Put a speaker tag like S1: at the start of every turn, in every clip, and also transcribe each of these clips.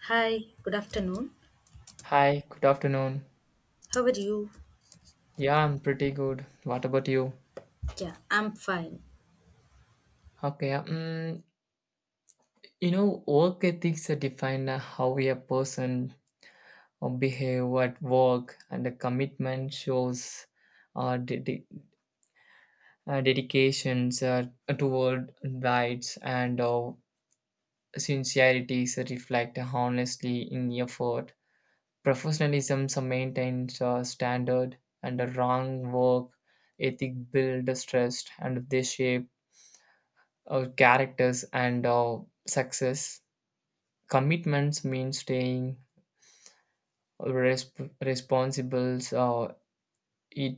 S1: Hi, good afternoon.
S2: Hi, good afternoon.
S1: How are you?
S2: Yeah, I'm pretty good. What about you?
S1: Yeah, I'm fine.
S2: Okay, work ethics define how a person behave at work, and the commitment shows uh, dedi- dedications toward rights and sincerities is reflect honestly in effort. Professionalism so maintains standard, and the wrong work ethic build stress, and they shape characters and success. Commitments mean staying responsible. It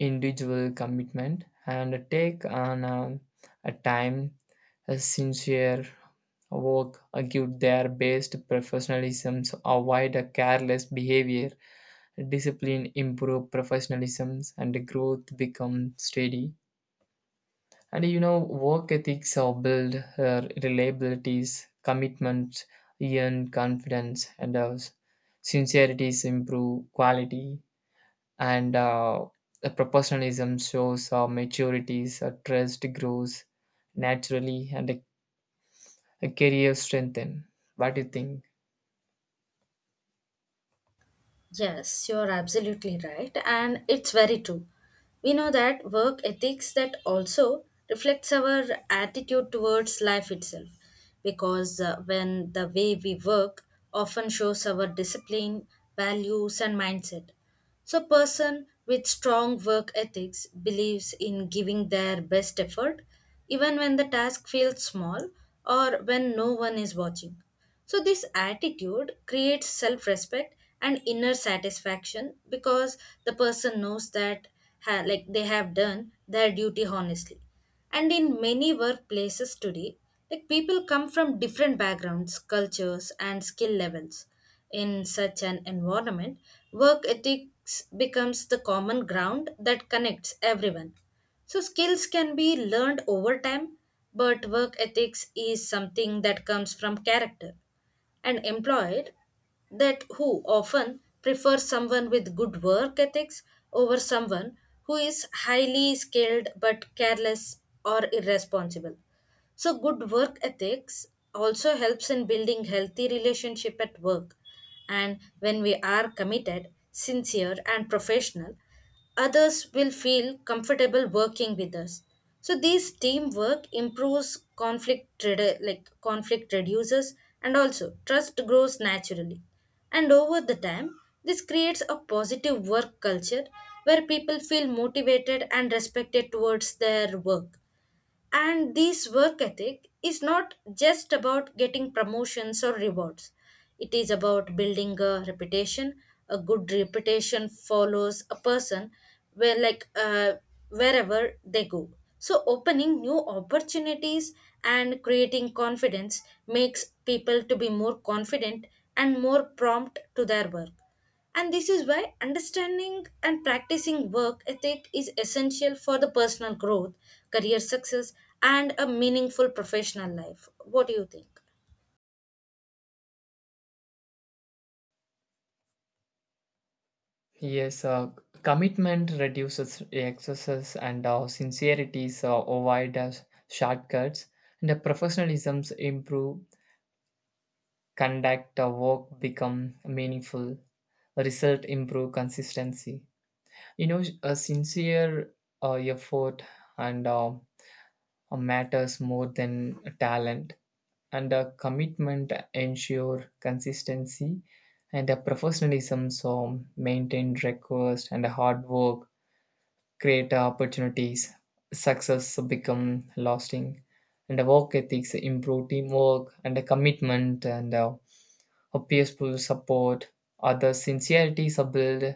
S2: individual commitment and take on a time, a sincere work give their best, professionalisms avoid a careless behavior, discipline improve professionalisms, and growth become steady. And work ethics are built, reliabilities, commitment earn confidence, and sincerities improve quality, and the professionalism shows our maturities, our trust grows naturally, and a career strengthen. What do you think?
S1: Yes, you're absolutely right, and it's very true. We know that work ethics that also reflects our attitude towards life itself, because when the way we work often shows our discipline, values, and mindset. So person with strong work ethics believes in giving their best effort even when the task feels small or when no one is watching. So this attitude creates self-respect and inner satisfaction because the person knows that like they have done their duty honestly, and in many workplaces today, like, people come from different backgrounds, cultures, and skill levels. In such an environment, work ethics becomes the common ground that connects everyone. So skills can be learned over time, but work ethics is something that comes from character, and employed that who often prefer someone with good work ethics over someone who is highly skilled but careless or irresponsible. So good work ethics also helps in building healthy relationship at work. And when we are committed, sincere and professional, others will feel comfortable working with us. So this teamwork improves, like conflict reduces and also trust grows naturally. And over the time, this creates a positive work culture where people feel motivated and respected towards their work. And this work ethic is not just about getting promotions or rewards. It is about building a reputation. A good reputation follows a person where wherever they go. So opening new opportunities and creating confidence makes people to be more confident and more prompt to their work. And this is why understanding and practicing work ethic is essential for the personal growth, career success, and a meaningful professional life. What do you think?
S2: Yes, commitment reduces excesses, and sincerities avoid shortcuts, and the professionalisms improve conduct, a work become meaningful, result improve consistency, a sincere effort and matters more than talent, and a commitment ensure consistency, and a professionalism so maintained request, and a hard work create opportunities, success become lasting, and the work ethics improve teamwork, and the commitment and a peaceful support, other sincerity build,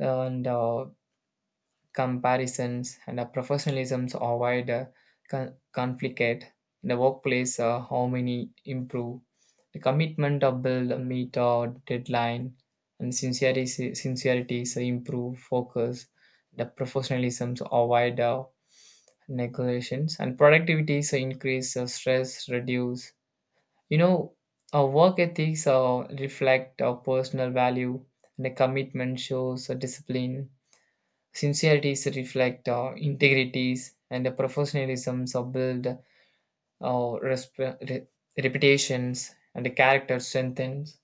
S2: and comparisons, and professionalism avoid conflict in the workplace, harmony improve, the commitment of build a meet or deadline, and sincerity so improve focus, the professionalism avoid neglections, and productivity so increase, stress reduce. You know, our work ethics reflect our personal value, and the commitment shows a discipline. Sincerities reflect our integrities, and the professionalisms are build our reputations, and the character strengthens.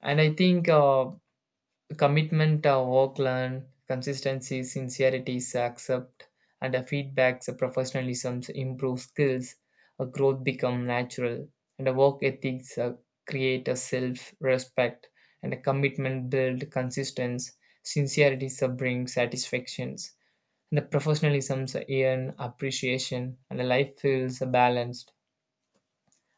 S2: And I think commitment, work, learn, consistency, sincerity, accept, and feedbacks, professionalism, improve skills, growth become natural, and work ethics create a self-respect, and a commitment build consistency, sincerity bring satisfactions, and the professionalism earn appreciation, and the life feels balanced.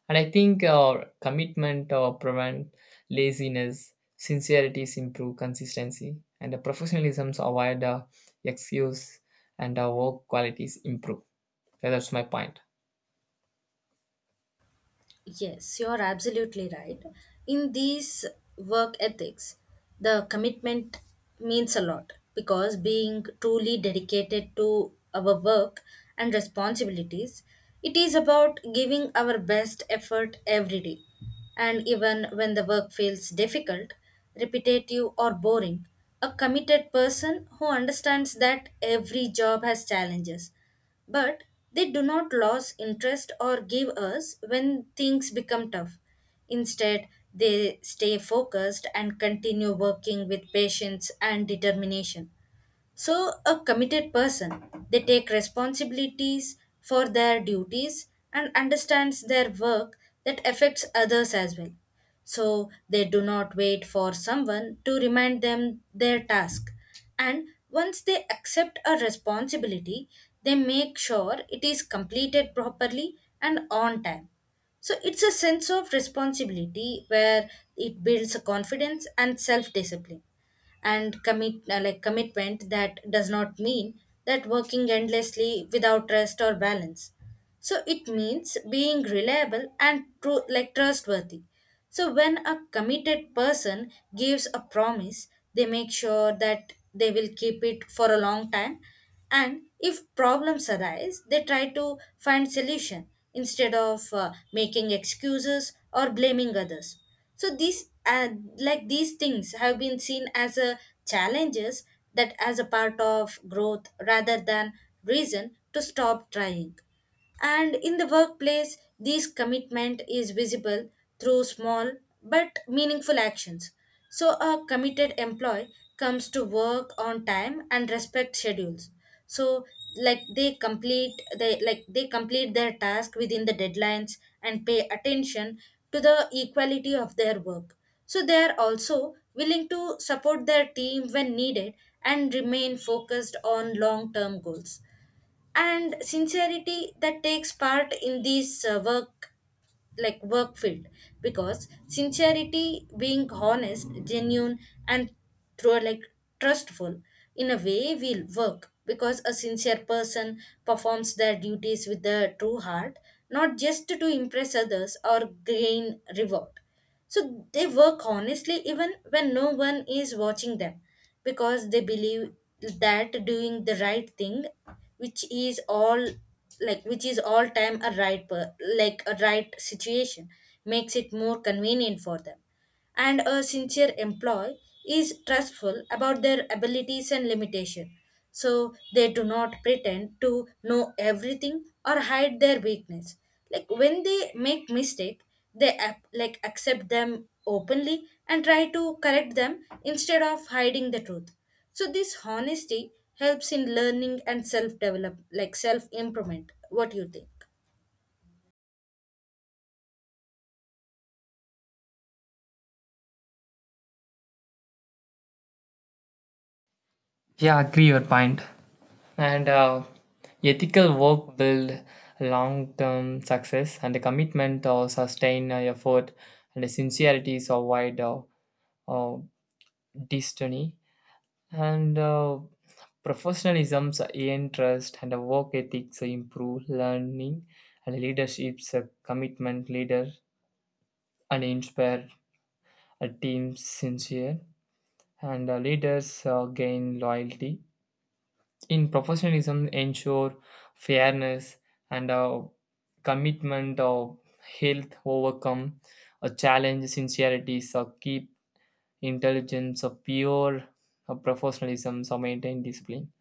S2: And I think our commitment prevent laziness, sincerities improve consistency, and the professionalisms avoid excuse, and our work qualities improve. Yeah, that's my point.
S1: Yes, you're absolutely right. In these work ethics, the commitment means a lot because being truly dedicated to our work and responsibilities, it is about giving our best effort every day. And even when the work feels difficult, repetitive, or boring, a committed person who understands that every job has challenges, but they do not lose interest or give us when things become tough. Instead, they stay focused and continue working with patience and determination. So a committed person, they take responsibilities for their duties and understands their work that affects others as well. So they do not wait for someone to remind them their task. And once they accept a responsibility, they make sure it is completed properly and on time. So it's a sense of responsibility where it builds a confidence and self discipline, and commit like commitment that does not mean that working endlessly without rest or balance. So it means being reliable and true, like trustworthy. So when a committed person gives a promise, they make sure that they will keep it for a long time, and if problems arise they try to find solution instead of making excuses or blaming others. So these things have been seen as a challenges, that as a part of growth rather than reason to stop trying. And in the workplace, this commitment is visible through small but meaningful actions. So a committed employee comes to work on time and respect schedules. So, like they complete their task within the deadlines and pay attention to the equality of their work. So they are also willing to support their team when needed and remain focused on long term goals. And sincerity that takes part in this work, like work field, because sincerity being honest, genuine, and through like trustful in a way will work, because a sincere person performs their duties with their true heart, not just to impress others or gain reward. So they work honestly even when no one is watching them, because they believe that doing the right thing, which is all which is all time a like a right situation, makes it more convenient for them. And a sincere employee is trustful about their abilities and limitation, so they do not pretend to know everything or hide their weakness. Like when they make mistake, they accept them openly and try to correct them instead of hiding the truth. So this honesty helps in learning and self develop like self improvement. What do you think?
S2: Yeah, agree your point. And ethical work build long-term success, and the commitment or sustain effort, and the sincerities avoid uh, destiny, and. Professionalism, interest, and work ethics improve learning and leadership's commitment, leader and inspire a team sincere, and leaders gain loyalty. In professionalism, ensure fairness, and commitment of health overcome a challenge, sincerity so keep intelligence of pure, professionalism so maintain discipline,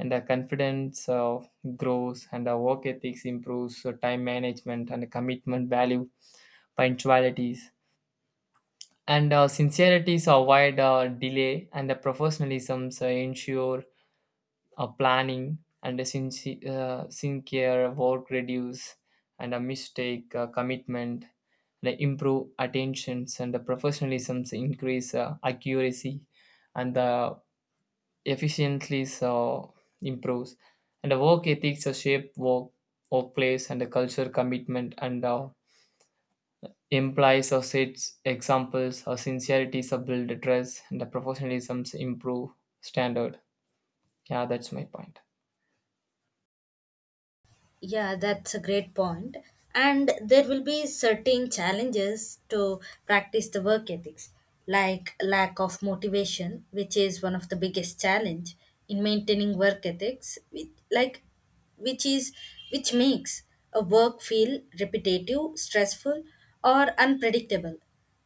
S2: and our confidence grows, and our work ethics improves, so time management and commitment value punctualities, and sincerities avoid delay, and the professionalism so ensure planning, and the sincere work reduce, and a mistake, commitment the improve attentions, and the professionalisms increase accuracy, and the efficiently so improves, and the work ethics a shape workplace and the culture commitment, and implies or sets examples, or sincerity so build trust, and the professionalisms improve standard. Yeah, that's my point.
S1: Yeah, that's a great point. And there will be certain challenges to practice the work ethics, like lack of motivation, which is one of the biggest challenge in maintaining work ethics, like which is which makes a work feel repetitive, stressful, or unpredictable.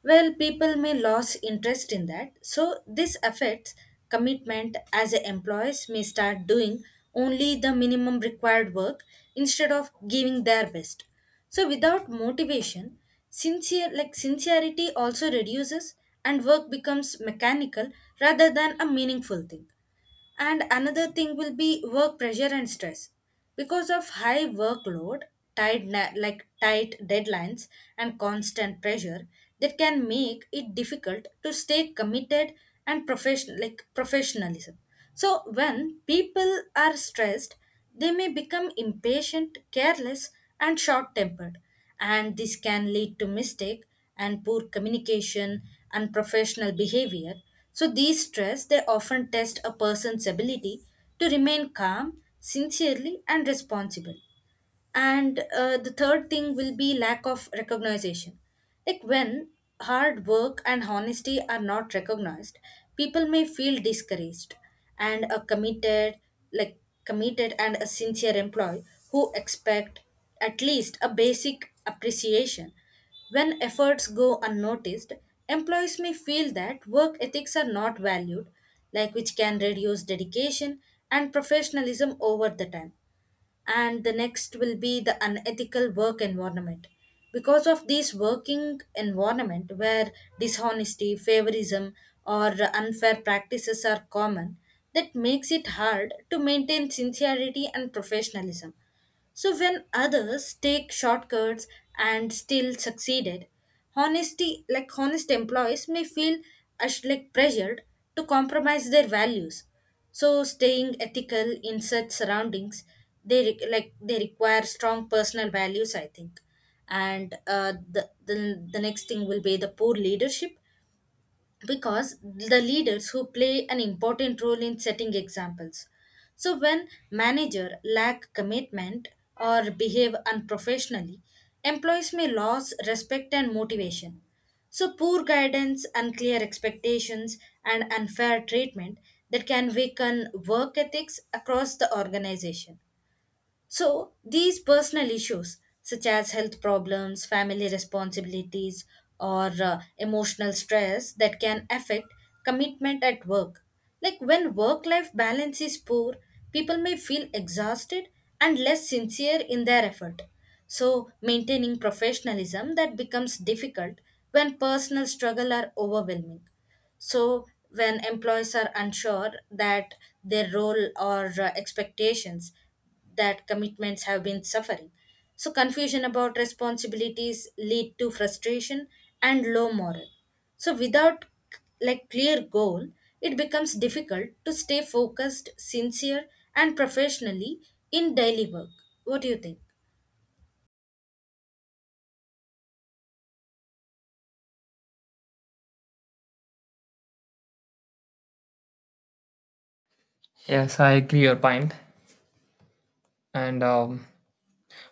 S1: Well, people may lose interest in that. So this affects commitment as employees may start doing only the minimum required work instead of giving their best. So without motivation, sincere like sincerity also reduces and work becomes mechanical rather than a meaningful thing. And another thing will be work pressure and stress. Because of high workload, like tight deadlines and constant pressure that can make it difficult to stay committed and professional like professionalism. So when people are stressed, they may become impatient, careless, and short-tempered, and this can lead to mistake and poor communication, unprofessional behavior. So these stress they often test a person's ability to remain calm, sincerely and responsible. And the third thing will be lack of recognition, like when hard work and honesty are not recognized, people may feel discouraged, and a committed like committed and a sincere employee who expect at least a basic appreciation, when efforts go unnoticed, employees may feel that work ethics are not valued, like which can reduce dedication and professionalism over the time. And the next will be the unethical work environment, because of this working environment where dishonesty, favorism, or unfair practices are common, that makes it hard to maintain sincerity and professionalism. So when others take shortcuts and still succeeded, honesty, like honest employees, may feel pressured to compromise their values. So staying ethical in such surroundings, they like they require strong personal values, I think. And the next thing will be the poor leadership, because the leaders who play an important role in setting examples. So when manager lack commitment or behave unprofessionally, employees may lose respect and motivation. So poor guidance, unclear expectations and unfair treatment that can weaken work ethics across the organization. So these personal issues, such as health problems, family responsibilities, or emotional stress, that can affect commitment at work. Like when work life balance is poor, people may feel exhausted and less sincere in their effort. So maintaining professionalism that becomes difficult when personal struggle are overwhelming. So when employees are unsure that their role or expectations, that commitments have been suffering. So confusion about responsibilities lead to frustration and low morale. So, without like clear goal, it becomes difficult to stay focused, sincere, and professionally in daily work. What do you think?
S2: Yes, I agree your point. And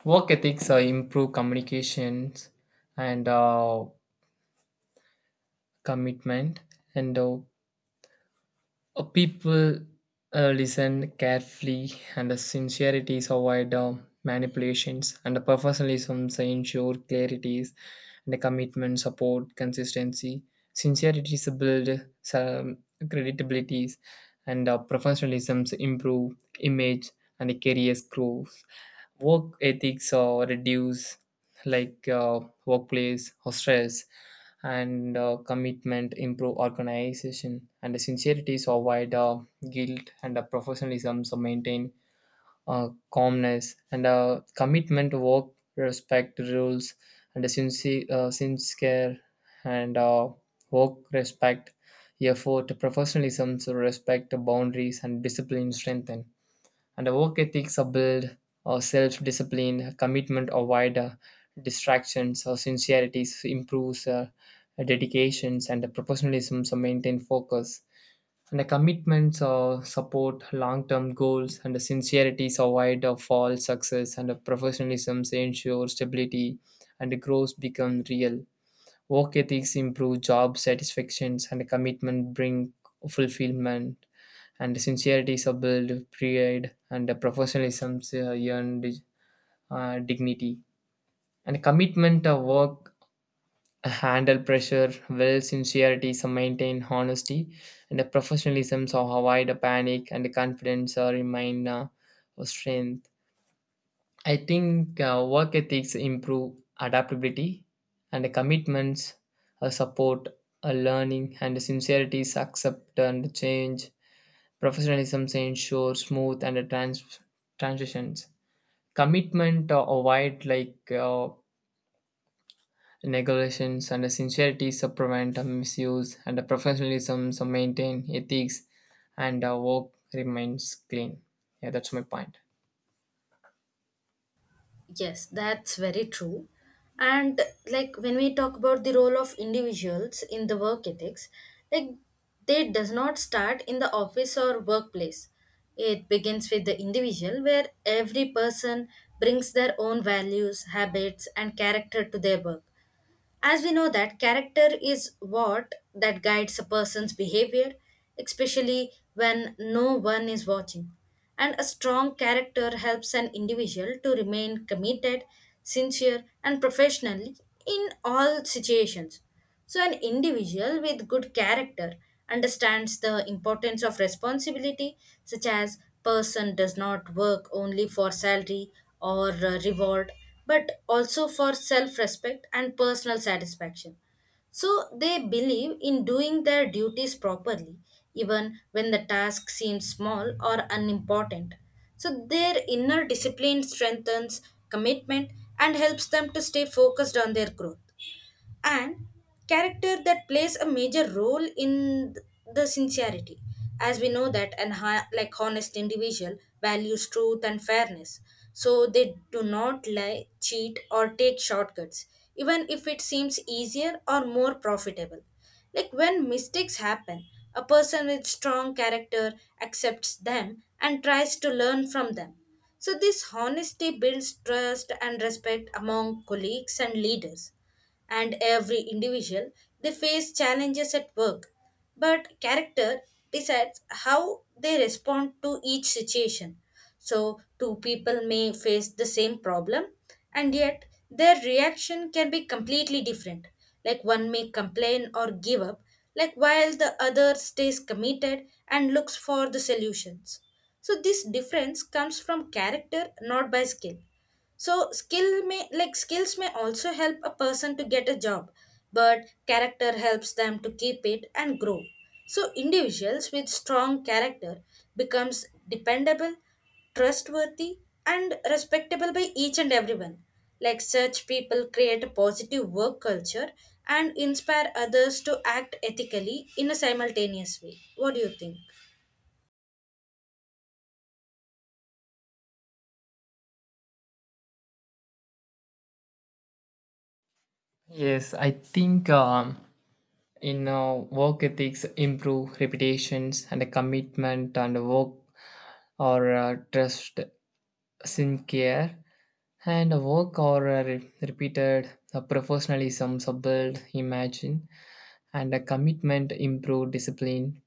S2: work ethics improve communications and commitment, and people listen carefully, and the sincerity is avoid manipulations, and the professionalism is ensure clarities, and the commitment support consistency. Sincerity is build some credibilities, and professionalism improve image, and the careers growth, work ethics reduce like workplace or stress, and commitment improve organization, and the sincerity so avoid guilt, and professionalism so maintain calmness, and commitment work respect rules, and a sincere and work respect effort, professionalism so respect boundaries and discipline strengthen, and the work ethics are built or self-discipline, commitment avoid distractions, or sincerity improves dedications, and the professionalism so maintain focus, and the commitments support long-term goals, and the sincerity avoid false success, and the professionalism ensure stability, and the growth become real. Work ethics improve job satisfactions, and the commitment bring fulfillment, and sincerity is a build, pride, and a professionalism earn dignity. And commitment of work, handle pressure, well, sincerity is a maintain honesty, and the professionalism so avoid a panic, and the confidence or remain strength. I think work ethics improve adaptability, and the commitments support learning, and sincerity is accept and change. Professionalism ensures smooth and transitions. Commitment avoid like negotiations, and sincerity so prevent misuse, and professionalism so maintain ethics, and work remains clean. Yeah, that's my point.
S1: Yes, that's very true. And like when we talk about the role of individuals in the work ethics, like they does not start in the office or workplace. It begins with the individual where every person brings their own values, habits and character to their work. As we know that character is what that guides a person's behavior, especially when no one is watching. And a strong character helps an individual to remain committed, sincere, and professional in all situations. So an individual with good character understands the importance of responsibility, such as person does not work only for salary or reward, but also for self respect and personal satisfaction. So they believe in doing their duties properly, even when the task seems small or unimportant. So their inner discipline strengthens commitment and helps them to stay focused on their growth, and character that plays a major role in the sincerity, as we know that an like honest individual values truth and fairness. So they do not lie, cheat or take shortcuts, even if it seems easier or more profitable. Like when mistakes happen, a person with strong character accepts them and tries to learn from them. So this honesty builds trust and respect among colleagues and leaders. And every individual, they face challenges at work, but character decides how they respond to each situation. So two people may face the same problem and yet their reaction can be completely different. Like one may complain or give up, like while the other stays committed and looks for the solutions. So this difference comes from character not by skill. So skill may like skills may also help a person to get a job, but character helps them to keep it and grow. So individuals with strong character becomes dependable, trustworthy and respectable by each and everyone. Like such people create a positive work culture and inspire others to act ethically in a simultaneous way. What do you think?
S2: Yes, I think in work ethics improve reputations, and commitment and work or trust sincere, and a work or a repeated a professionalism subdued imagine, and a commitment improve discipline,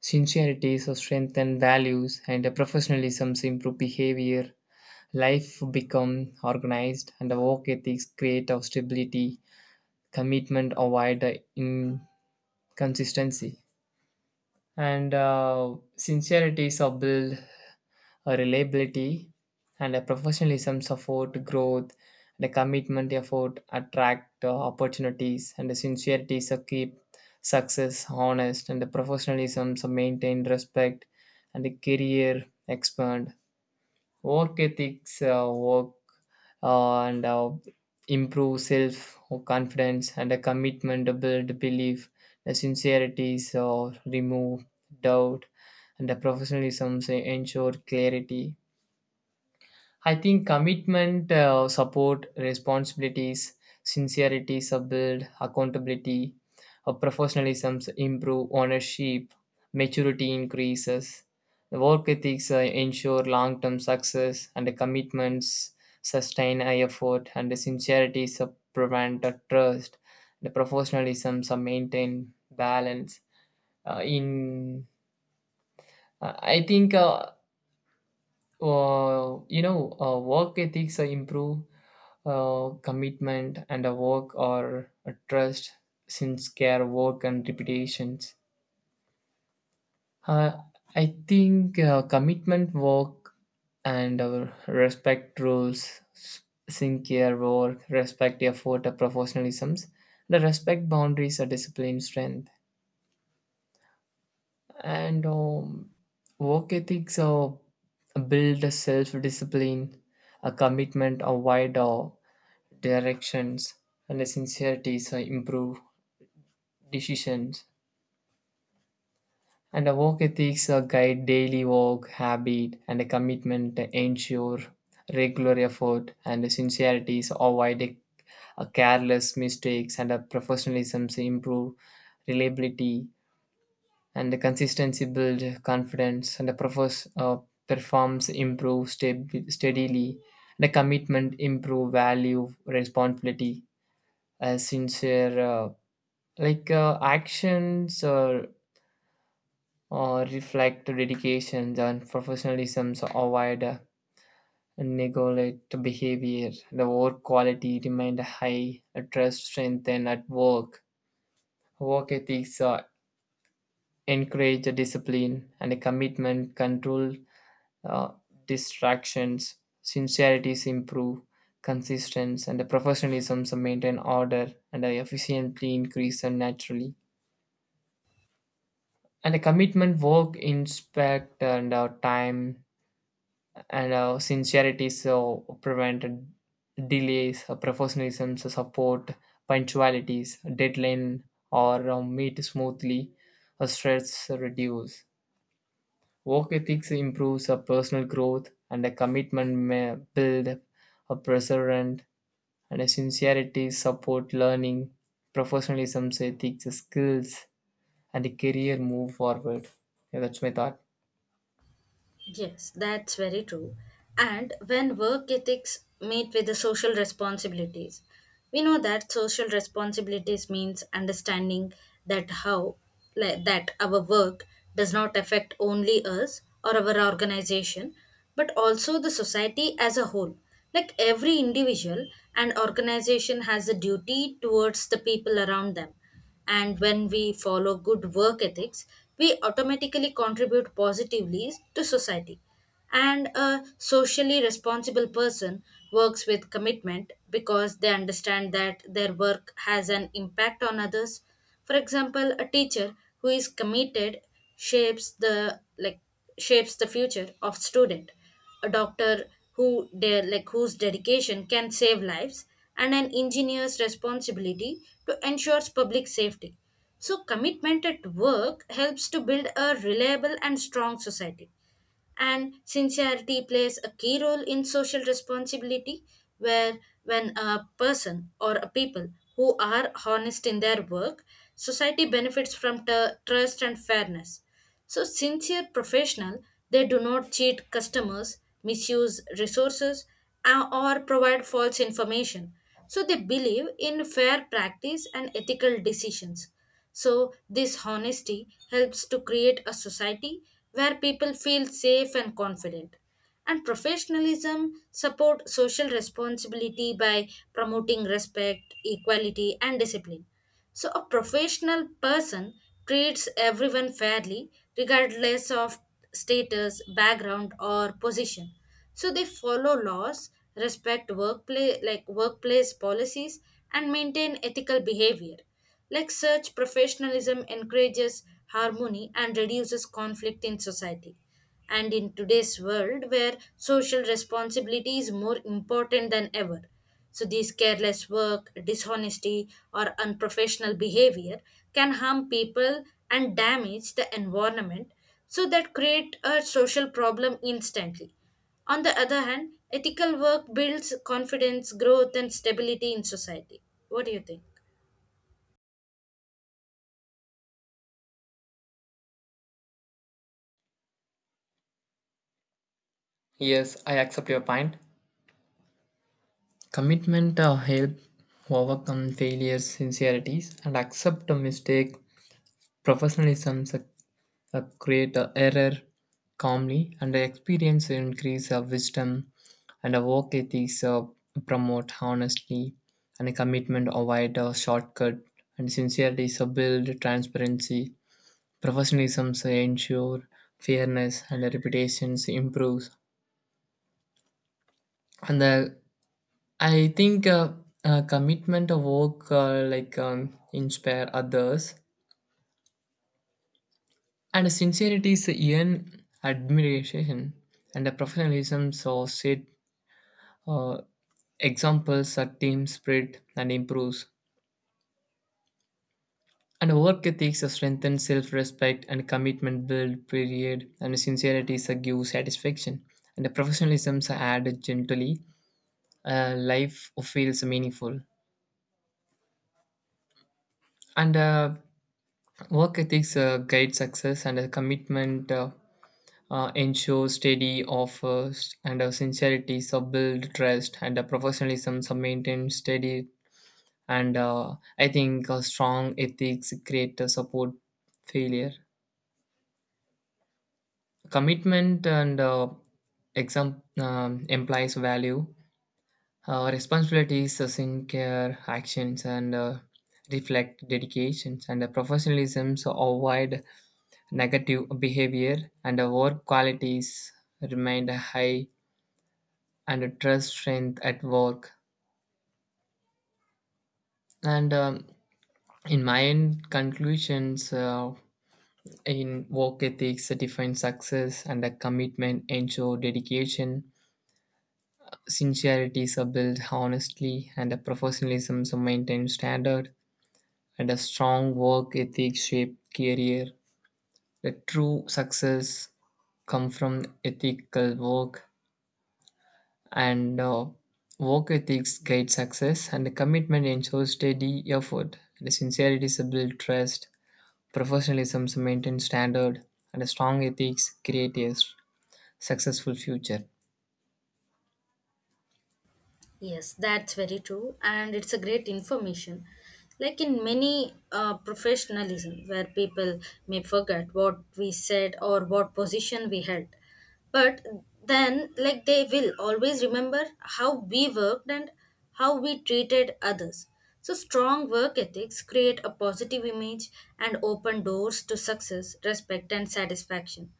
S2: sincerity so strengthen values, and a professionalism so improve behavior, life become organized, and the work ethics create of stability, commitment avoid the inconsistency, and sincerity is build a reliability, and a professionalism support growth, and a commitment effort attract opportunities, and a sincerity so keep success honest, and the professionalism so maintain respect, and the career expand. Work ethics work, and improve self confidence, and a commitment to build belief, the sincerity so remove doubt, and the professionalism so ensure clarity. I think commitment, support, responsibilities, sincerity, build, accountability, professionalism improve, ownership, maturity increases, work ethics ensure long term success, and the commitments sustain high effort, and the sincerity prevent the trust, the professionalism maintain balance. In I think. Work ethics improve commitment and a work or a trust, since care work and reputations. Uh, I think commitment work and our respect rules, sincere work, respect effort, professionalisms, the respect boundaries, a discipline strength. And work ethics build a self-discipline, a commitment, a wider directions, and a sincerity so improve decisions. And a work ethics guide daily work habit, and a commitment to ensure regular effort, and a sincerity so avoid a careless mistakes, and a professionalism so improve reliability, and the consistency builds confidence, and the performs improve steadily, the commitment improve value responsibility, sincere like actions or reflect dedications, and professionalism so avoid neglect behavior, the work quality remain high, trust strengthen at work. Work ethics encourage discipline, and a commitment control uh, distractions, sincerities improve consistency, and the professionalism maintain order, and the efficiently increase and naturally. And the commitment work inspect and our time, and our sincerity so prevent delays, professionalism so support punctualities, deadline or meet smoothly, stress reduce. Work ethics improves our personal growth, and a commitment may build a perseverance, and a sincerity support learning, professionalism, ethics, skills, and a career move forward. Yeah, that's my thought.
S1: Yes, that's very true. And when work ethics meet with the social responsibilities, we know that social responsibilities means understanding that how that our work does not affect only us or our organization, but also the society as a whole. Like every individual and organization has a duty towards the people around them, and when we follow good work ethics, we automatically contribute positively to society. And a socially responsible person works with commitment because they understand that their work has an impact on others. For example, a teacher who is committed shapes the like shapes the future of student. A doctor whose dedication can save lives, and an engineer's responsibility to ensures public safety. So commitment at work helps to build a reliable and strong society, and sincerity plays a key role in social responsibility, where when a person or a people who are honest in their work, society benefits from trust and fairness. So sincere professional, they do not cheat customers, misuse resources, or provide false information. So they believe in fair practice and ethical decisions. So, this honesty helps to create a society where people feel safe and confident. And professionalism support social responsibility by promoting respect, equality, and discipline. So, a professional person treats everyone fairly, regardless of status, background, or position, so they follow laws, respect workplace policies, and maintain ethical behavior. Like such professionalism encourages harmony and reduces conflict in society. And in today's world where social responsibility is more important than ever, so these careless work, dishonesty, or unprofessional behavior can harm people and damage the environment. So that create a social problem instantly. On the other hand, ethical work builds confidence, growth, and stability in society. What do you think?
S2: Yes, I accept your point. Commitment help overcome failures, sincerities, and accept a mistake, professionalism, create a error calmly, and the experience increase of wisdom, and a work ethics promote honesty, and a commitment avoid a shortcut, and sincerity so build transparency, professionalism so ensure fairness, and the reputations improves. And the, I think commitment of work like inspire others, and sincerity is earn admiration, and the professionalism so set Uh, examples are team spirit and improves. And work ethics are strengthen self-respect, and commitment build period, and sincerity is a give satisfaction. And the professionalisms are added gently. Life feels meaningful. And work ethics guide success, and a commitment ensure steady offers, and sincerity so build trust, and professionalism so maintain steady, and I think strong ethics create support failure, commitment, and exam implies value, responsibilities, sincere actions, and reflect dedications, and professionalism so avoid negative behavior, and work qualities remain high, and trust strength at work. And in my end conclusions, in work ethics, define success, and a commitment, ensure dedication, sincerity is built honestly, and a professionalism is maintained standard, and a strong work ethic shape career. The true success come from ethical work, and work ethics guide success, and the commitment ensures steady effort, and the sincerity is build trust, professionalism is maintained standard, and a strong ethics create a successful future.
S1: Yes, that's very true, and it's a great information. Like in many professionalism, where people may forget what we said or what position we held, but then like they will always remember how we worked and how we treated others. So strong work ethics create a positive image and open doors to success, respect, and satisfaction.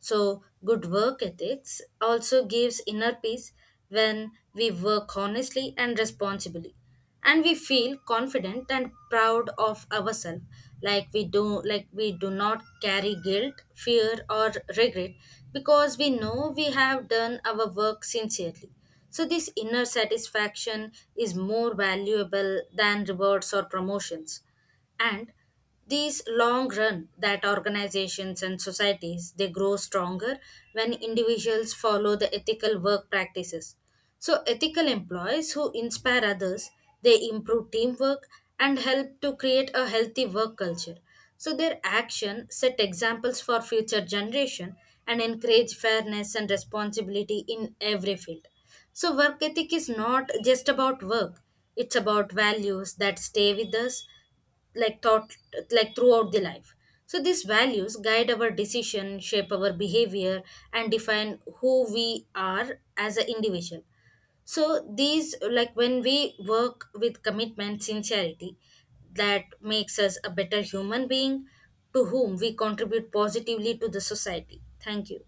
S1: So, good work ethics also gives inner peace when we work honestly and responsibly, and we feel confident and proud of ourselves. Like we do not carry guilt, fear, or regret, because we know we have done our work sincerely. So this inner satisfaction is more valuable than rewards or promotions. And these long run that organizations and societies, they grow stronger when individuals follow the ethical work practices. So ethical employees who inspire others, they improve teamwork and help to create a healthy work culture. So their action set examples for future generation and encourage fairness and responsibility in every field. So, work ethic is not just about work, it's about values that stay with us, like thought like throughout the life. So these values guide our decision, shape our behavior, and define who we are as an individual. So these like when we work with commitment sincerity, that makes us a better human being, to whom we contribute positively to the society. Thank you.